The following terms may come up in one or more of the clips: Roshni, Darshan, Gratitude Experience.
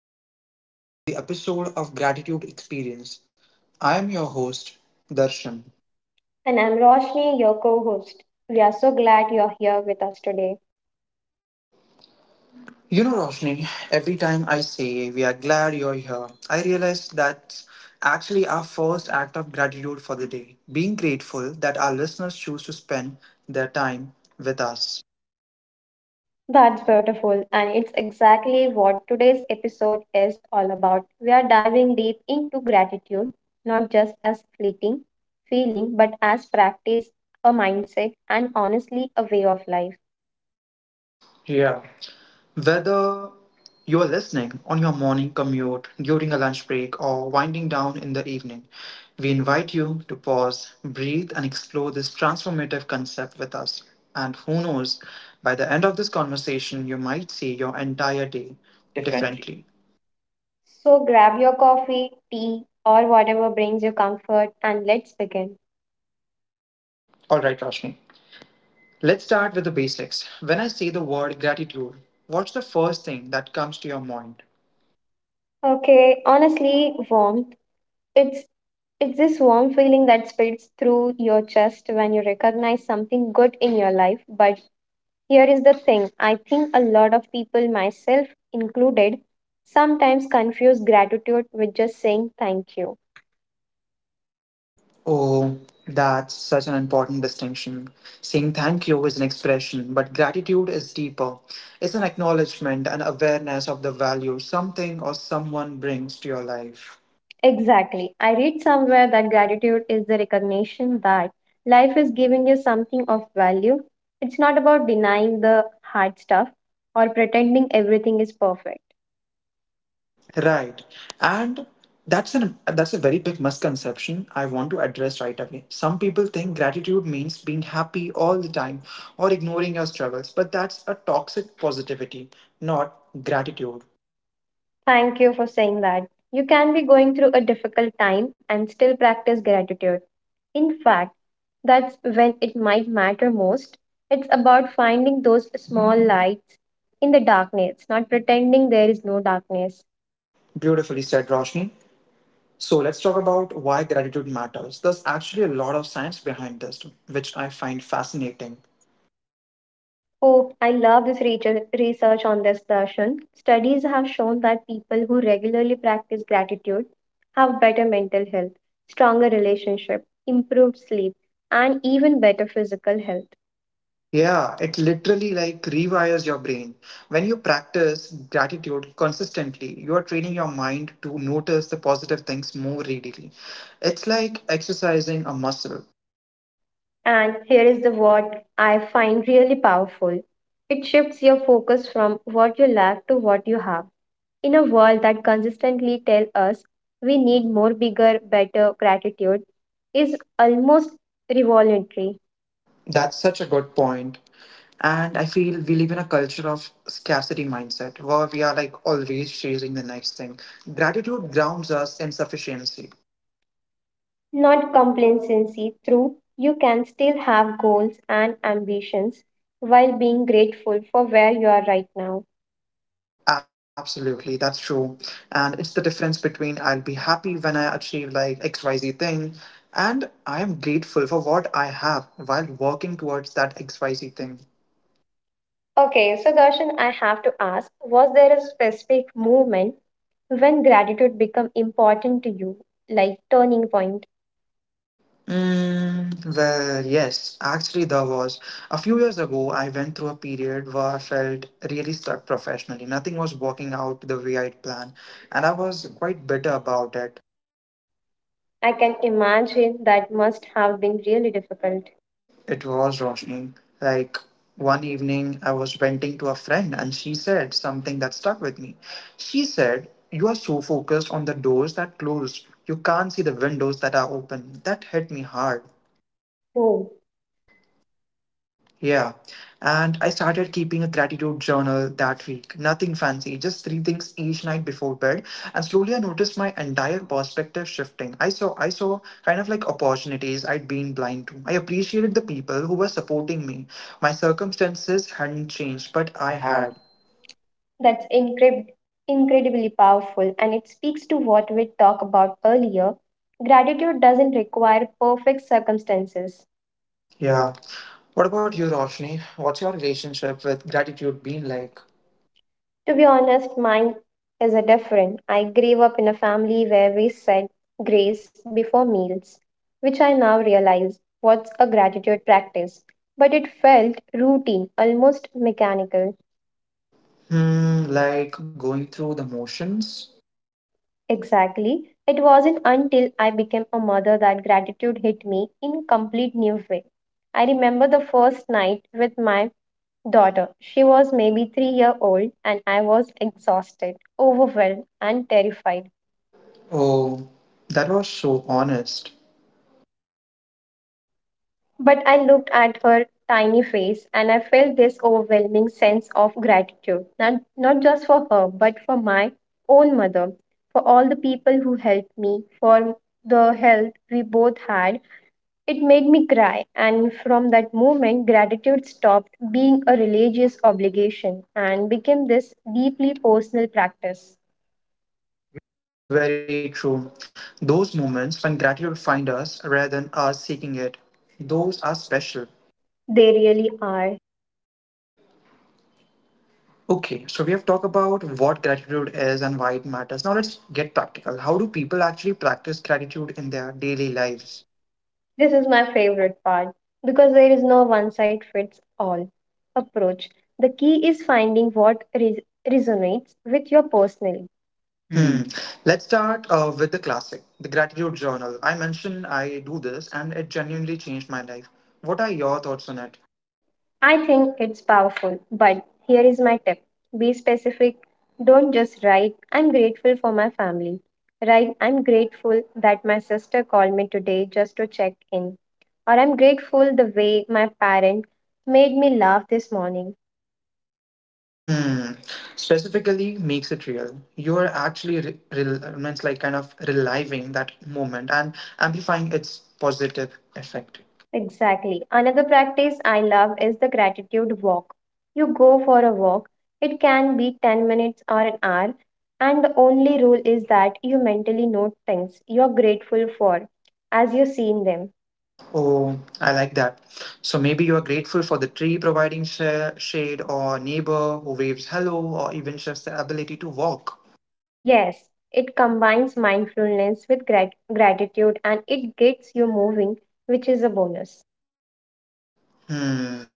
everyone, and welcome to the episode of Gratitude Experience. I am your host, Darshan. And I'm Roshni, your co host. We are so glad you're here with us today. You know, Roshni, every time I say we are glad you're here, I realize that's actually our first act of gratitude for the day, being grateful that our listeners choose to spend their time with us. That's beautiful, and it's exactly what today's episode is all about. We are diving deep into gratitude, not just as fleeting feeling, but as practice, a mindset, and honestly, a way of life. Yeah. Whether you are listening on your morning commute, during a lunch break, or winding down in the evening, we invite you to pause, breathe, and explore this transformative concept with us. And who knows, by the end of this conversation, you might see your entire day Differently. differently. So grab your coffee, tea, or whatever brings you comfort and let's begin. All right, Roshni. Let's start with the basics. When I say the word gratitude, what's the first thing that comes to your mind? Okay, honestly, warmth. It's It's this warm feeling that spreads through your chest when you recognize something good in your life. But here is the thing. I think a lot of people, myself included, sometimes confuse gratitude with just saying thank you. Oh, that's such an important distinction. Saying thank you is an expression, but gratitude is deeper. It's an acknowledgement and awareness of the value something or someone brings to your life. Exactly. I read somewhere that gratitude is the recognition that life is giving you something of value. It's not about denying the hard stuff or pretending everything is perfect. Right. And that's a very big misconception I want to address right away. Some people think gratitude means being happy all the time or ignoring your struggles, but that's a toxic positivity, not gratitude. Thank you for saying that. You can be going through a difficult time and still practice gratitude. In fact, that's when it might matter most. It's about finding those small lights in the darkness, not pretending there is no darkness. Beautifully said, Roshni. So let's talk about why gratitude matters. There's actually a lot of science behind this, which I find fascinating. Oh, I love this research on this, Darshan. Studies have shown that people who regularly practice gratitude have better mental health, stronger relationship, improved sleep, and even better physical health. Yeah, it literally like rewires your brain. When you practice gratitude consistently, you are training your mind to notice the positive things more readily. It's like exercising a muscle. And here is the what I find really powerful. It shifts your focus from what you lack to what you have. In a world that consistently tell us we need more bigger, better, gratitude is almost revolutionary. That- That's such a good point. And I feel we live in a culture of scarcity mindset where we are like always chasing the next thing. Gratitude grounds us in sufficiency. Not complacency through you can still have goals and ambitions while being grateful for where you are right now. Absolutely, that's true. And it's the difference between I'll be happy when I achieve like XYZ thing and I am grateful for what I have while working towards that XYZ XYZ thing. thing. Okay, so Darshan, I have to ask, was there a specific moment when gratitude became important to you, like turning point? Well, yes, actually, there was. A few years ago, I went through a period where I felt really stuck professionally. Nothing was working out the way I'd planned, and I was quite bitter about it. I can imagine that must have been really difficult. It was Roshni. Like one evening, I was venting to a friend and she said something that stuck with me. She said, You are so focused on the doors that close, you can't see the windows that are open. That hit me hard. Oh. Yeah. And I started keeping a gratitude journal that week. Nothing fancy, just three things each night before bed. And slowly I noticed my entire perspective shifting. I saw kind of like opportunities I'd been blind to. I appreciated the people who were supporting me. My circumstances hadn't changed, but But I I had. had. that's incre- incredibly powerful, and it speaks to what we talked about earlier. Gratitude doesn't require perfect circumstances. Yeah. Yeah. What about you, Roshni? What's your relationship with gratitude Been been like. like? To be honest, mine is a different. I grew up in a family where we said grace before meals, which I now realize was a gratitude practice. But it felt routine, almost mechanical. Hmm, like going through the motions? Exactly. It wasn't until I became a mother that gratitude hit me in a complete new way. I remember the first night with my daughter. She was maybe 3-year old and I was exhausted, overwhelmed and terrified. Oh, that was so honest. But I looked at her tiny face and I felt this overwhelming sense of gratitude, not just for her, but for my own mother, for all the people who helped me, for the help we both had. It made me cry, and from that moment, gratitude stopped being a religious obligation and became this deeply personal practice. Very true. Those moments when gratitude finds us rather than us seeking it, those are special. They really are. Okay, so we have talked about what gratitude is and why it matters. Now let's get practical. How do people actually practice gratitude in their Daily daily life. lives? This is my favorite part because there is no one size fits all approach. The key is finding what resonates with your personally. Hmm. Hmm. Let's start with the classic, the gratitude journal. I mentioned I do this and it genuinely changed my life. What are your thoughts on it? I think it's powerful, but here is my tip, be specific. Don't just write, I'm grateful for my family. Write, I'm grateful that my sister called me today just to check in. Or I'm grateful the way my parent made me laugh this morning. Hmm. Specifically makes it real. You're actually means like kind of reliving that moment and amplifying its positive Right. effect. Exactly. Another practice I love is the gratitude walk. You go for a walk, it can be 10 minutes or an hour, and the only rule is that you mentally note things you're grateful for as you've seen them. Oh, I like that. So maybe you are grateful for the tree providing shade, or neighbor who waves hello, or even just the ability to walk. Yes, it combines mindfulness with gratitude and it gets you moving, which is a bonus. Hmm.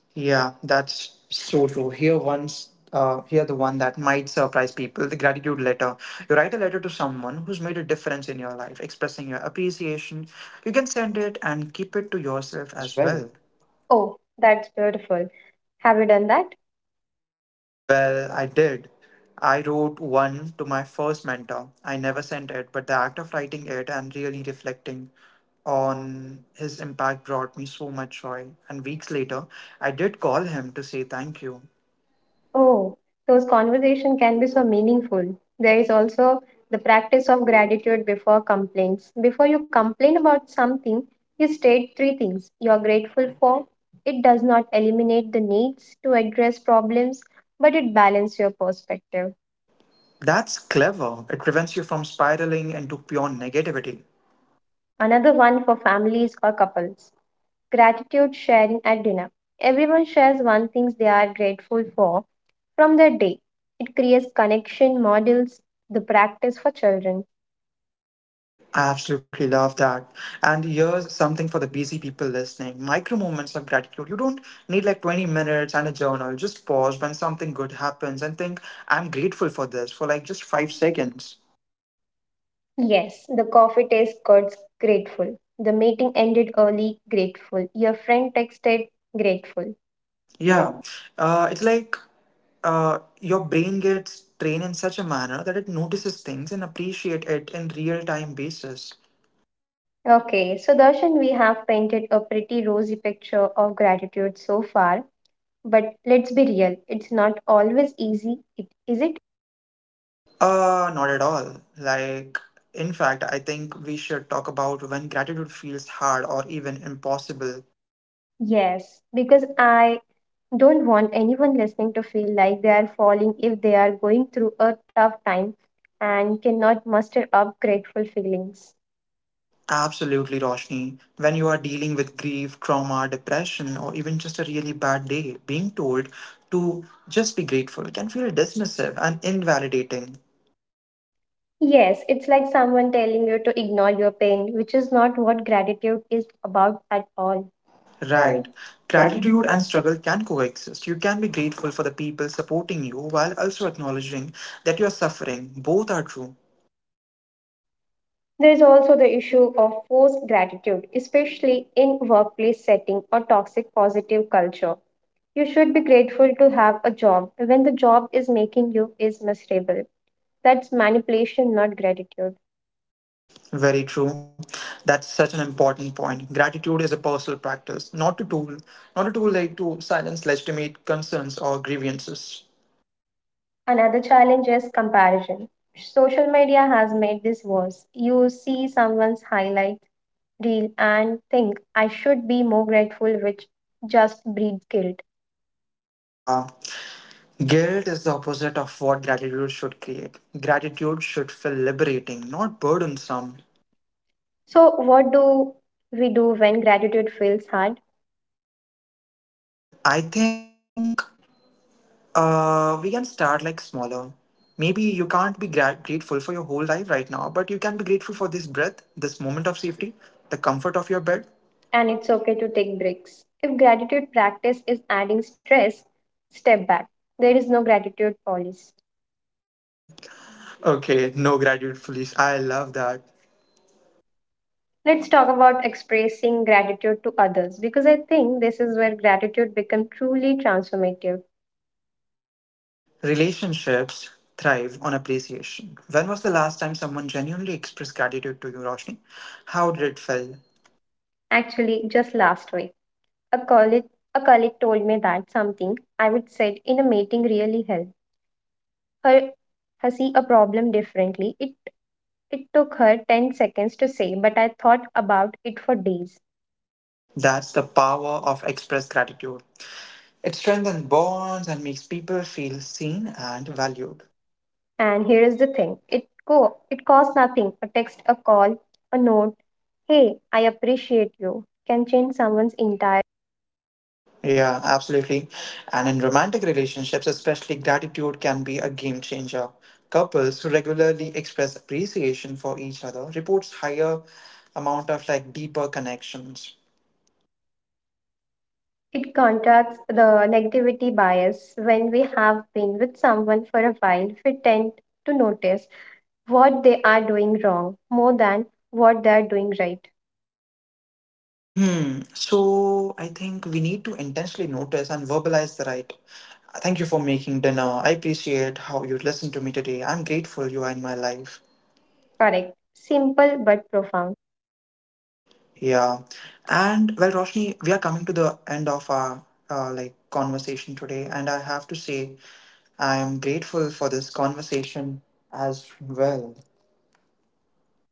Yeah, that's so true. Here the one that might surprise people, the gratitude letter. You write a letter to someone who's made a difference in your life, expressing your appreciation. You can send it and keep it to Yourself yourself as as well. well. Oh, that's beautiful. Have you done that? Well, I did. I wrote one to my first mentor. I never sent it, but the act of writing it and really reflecting on his impact brought me so much joy. And weeks later, I did call him to say thank you. Oh, those conversations can be so meaningful. There is also the practice of gratitude before complaints. Before you complain about something, you state three things you are grateful for. It does not eliminate the needs to address problems, but it balances your perspective. That's clever. It prevents you from spiraling into pure negativity. Another one for families or couples gratitude sharing at dinner. Everyone shares one thing they are grateful for from their day. It creates connection models, the practice for children. I absolutely love that. And here's something for the busy people listening micro moments of gratitude. You don't need like 20 minutes and a journal. Just pause when something good happens and think, I'm grateful for this for like just five 5 seconds. seconds. Yes, the coffee taste got grateful. The meeting ended early, grateful. Your friend texted, grateful. Yeah. Yeah. It's like your brain gets trained in such a manner that it notices things and appreciate it in real time basis. Okay, so Darshan, we have painted a pretty rosy picture of gratitude so far, but let's be real, it's not always easy, it, is it? Not at all. Like, in fact, I think we should talk about when gratitude feels hard or even impossible. Yes, because I don't want anyone listening to feel like they are falling if they are going through a tough time and cannot muster up grateful feelings. Absolutely, Roshni. When you are dealing with grief, trauma, depression, or even just a really bad day, being told to just be grateful can feel dismissive and invalidating. Yes, it's like someone telling you to ignore your pain, which is not what gratitude is about at all. Right. Right. Gratitude Gratitude and and stress. struggle can coexist. You can be grateful for the people supporting you while also acknowledging that you are suffering. Both are true. There is also the issue of forced gratitude, especially in workplace setting or toxic positive culture. You should be grateful to have a job when the job is making you is miserable. That's manipulation, not gratitude. Very true. That's such an important point. Gratitude is a personal practice, not a tool, not a tool like to silence legitimate concerns or grievances. Another challenge is comparison. Social media has made this worse. You see someone's highlight real and think I should be more grateful, which just breeds guilt. Yeah. Guilt is the opposite of what gratitude should create. Gratitude should feel liberating, not burdensome. So, what do we do when gratitude feels hard? I think we can start like smaller. Maybe you can't be grateful for your whole life right now, but you can be grateful for this breath, this moment of safety, the comfort of your bed. And it's okay to take breaks. If gratitude practice is adding stress, step back. There is no gratitude policy. Okay, no graduate police. I love that. Let's talk about expressing gratitude to others because I think this is where gratitude becomes truly transformative. Relationships thrive on appreciation. When was the last time someone genuinely expressed gratitude to you, Roshni? How did it feel? Actually, just last week, a colleague, a colleague told me that something I would said in a meeting really helped her her see a problem differently. It took her 10 seconds to say, but I thought about it for days. That's the power of expressed gratitude. It strengthens bonds and makes people feel seen and valued. And here is the thing. It costs nothing. A text, a call, a note. Hey, I appreciate you. Can change someone's entire Yeah, absolutely. And in romantic relationships, especially, gratitude can be a game changer. Couples who regularly express appreciation for each other reports higher amount of like deeper connections. it contracts the negativity bias when we have been with someone for a while we tend to notice what they are doing wrong more than what they are doing right Hmm. So I think we need to intentionally notice and verbalize the right. Thank you for making dinner. I appreciate how you listened to me today. I'm grateful you are in my life. correct simple but profound. Yeah. And well, Roshni, we are coming to the end of our like conversation today, and I have to say I am grateful for this conversation as well.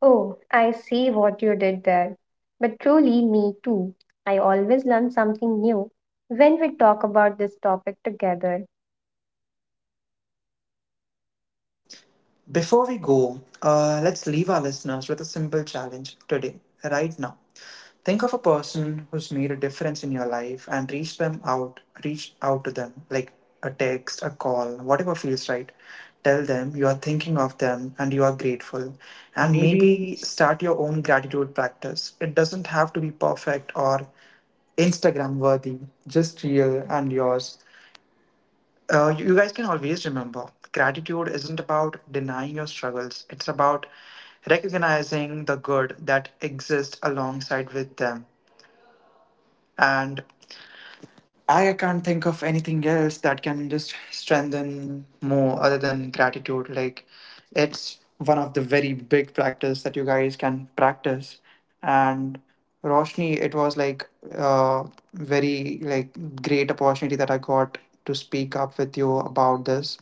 Oh, I see what you did there. But truly, me too. I always learn something new when we talk about this topic together. Before we go, let's leave our listeners with a simple challenge today, right now. Think of a person who's made a difference in your life and reach out to them like a text, a call, whatever feels right. Tell them you are thinking of them and you are grateful. And And maybe. maybe start your own gratitude practice. It doesn't have to be perfect or Instagram worthy, just real and yours. You guys can always remember gratitude isn't about denying your struggles, it's about recognizing the good that exists alongside with them, and I can't think of anything else that can just strengthen more other than gratitude. Like, it's one of the very big practice that you guys can practice. And Roshni, it was like a very like great opportunity that I got to speak up with you about this.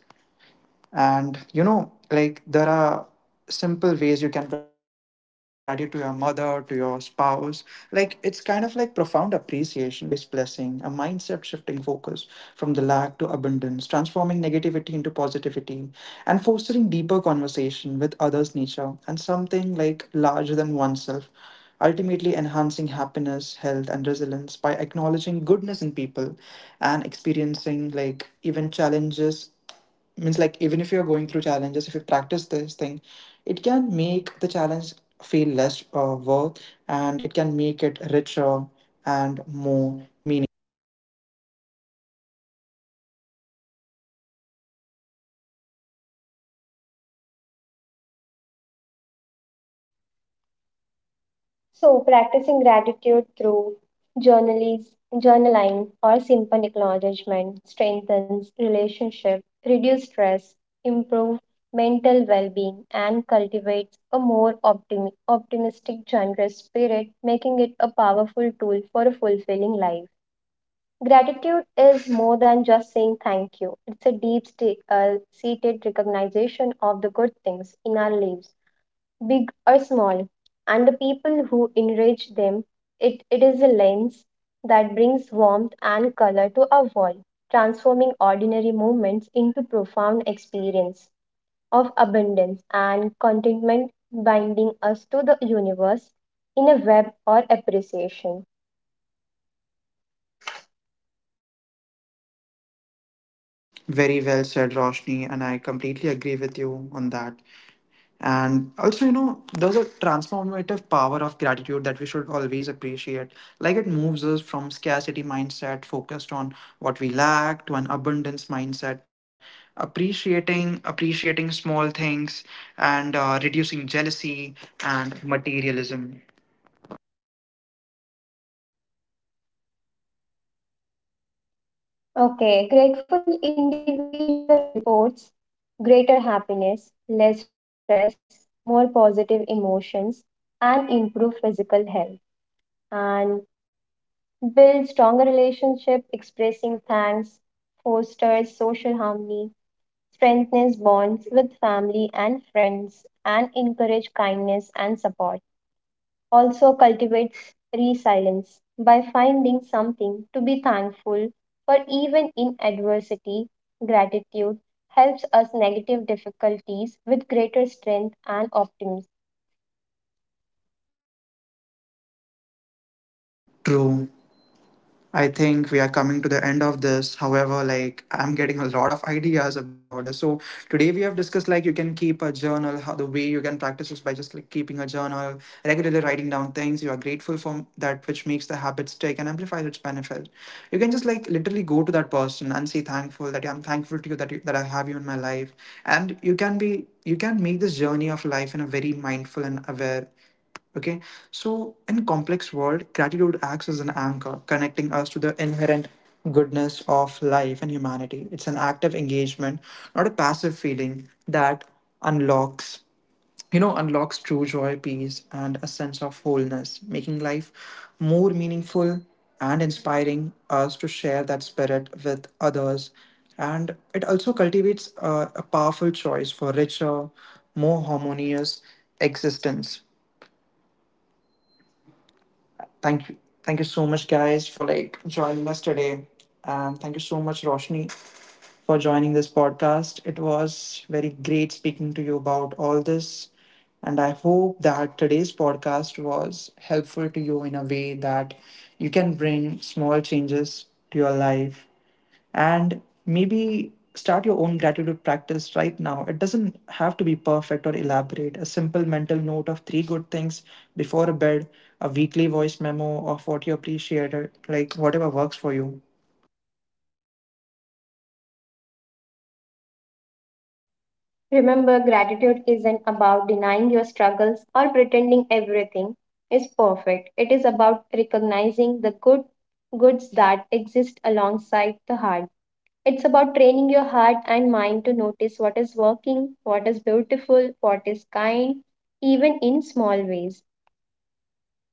And you know, like there are simple ways you can present gratitude to your mother, to your spouse. Like it's kind of like profound appreciation for life's blessing, a mindset shifting focus from the lack to abundance, transforming negativity into positivity, and fostering deeper conversation with others' nature and something like larger than oneself. Ultimately, enhancing happiness, health, and resilience by acknowledging goodness in people and experiencing like even challenges, means like even if you're going through challenges, if you practice this thing it can make the challenge feel less work, and it can make it richer and more meaning. So, practicing gratitude through journalise, journaling or simple acknowledgement strengthens relationship, reduce stress, improve mental well-being, and cultivates a more optimistic, generous spirit, making it a powerful tool for a fulfilling life. Gratitude is more than just saying thank you. It's a deep seated recognition of the good things in our lives, big or small, and the people who enrich them. It is a lens that brings warmth and color to our world, transforming ordinary moments into profound experience of abundance and contentment, binding us to the universe in a web or appreciation. Very well said, Roshni, and I completely agree with you on that. And also, you know, there's a transformative power of gratitude that we should always appreciate. Like it moves us from scarcity mindset focused on what we lack to an abundance mindset, appreciating small things and reducing jealousy and materialism. Okay, grateful individual reports greater happiness, less stress, more positive emotions, and improved physical health, and build stronger relationship, expressing thanks, fosters social harmony, strengthens bonds with family and friends, and encourage kindness and support also cultivates resilience by finding something to be thankful for even in adversity gratitude helps us negative difficulties with greater strength and optimism. True. I think we are coming to the end of this. However, like I'm getting a lot of ideas about this. So today we have discussed like you can keep a journal, how the way you can practice is by just like keeping a journal, regularly writing down things you are grateful for that which makes the habit stick and amplifies its benefit. You can just like literally go to that person and say thankful that yeah, I'm thankful to you, that I have you in my life. And you can make this journey of life in a very mindful and aware. Okay, so in complex world, gratitude acts as an anchor, connecting us to the inherent goodness of life and humanity. It's an active engagement, not a passive feeling that unlocks, unlocks true joy, peace, and a sense of wholeness, making life more meaningful and inspiring us to share that spirit with others. And it also cultivates a powerful choice for richer, more harmonious existence. Thank you. Thank you so much, guys, for like joining us today. And thank you so much, Roshni, for joining this podcast. It was very great speaking to you about all this. And I hope that today's podcast was helpful to you in a way that you can bring small changes to your life, and maybe start your own gratitude practice right now. It doesn't have to be perfect or elaborate, a simple mental note of three good things before bed, a weekly voice memo of what you appreciate, like whatever works for you. Remember, gratitude isn't about denying your struggles or pretending everything is perfect. It is about recognizing the goods that exist alongside the hard. It's about training your heart and mind to notice what is working, what is beautiful, what is kind, even in small ways.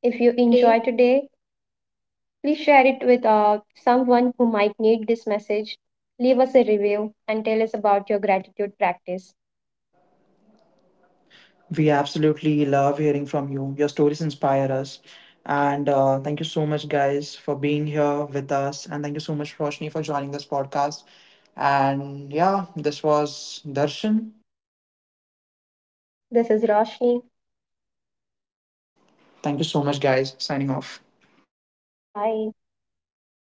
If you enjoy today, please share it with someone who might need this message. Leave us a review and tell us about your gratitude practice. We absolutely love hearing from you, your stories inspire us. And thank you so much guys for being here with us, and thank you so much Roshni for joining this podcast. And yeah, this was Darshan. This is Roshni. Thank you so much guys, signing off. Bye.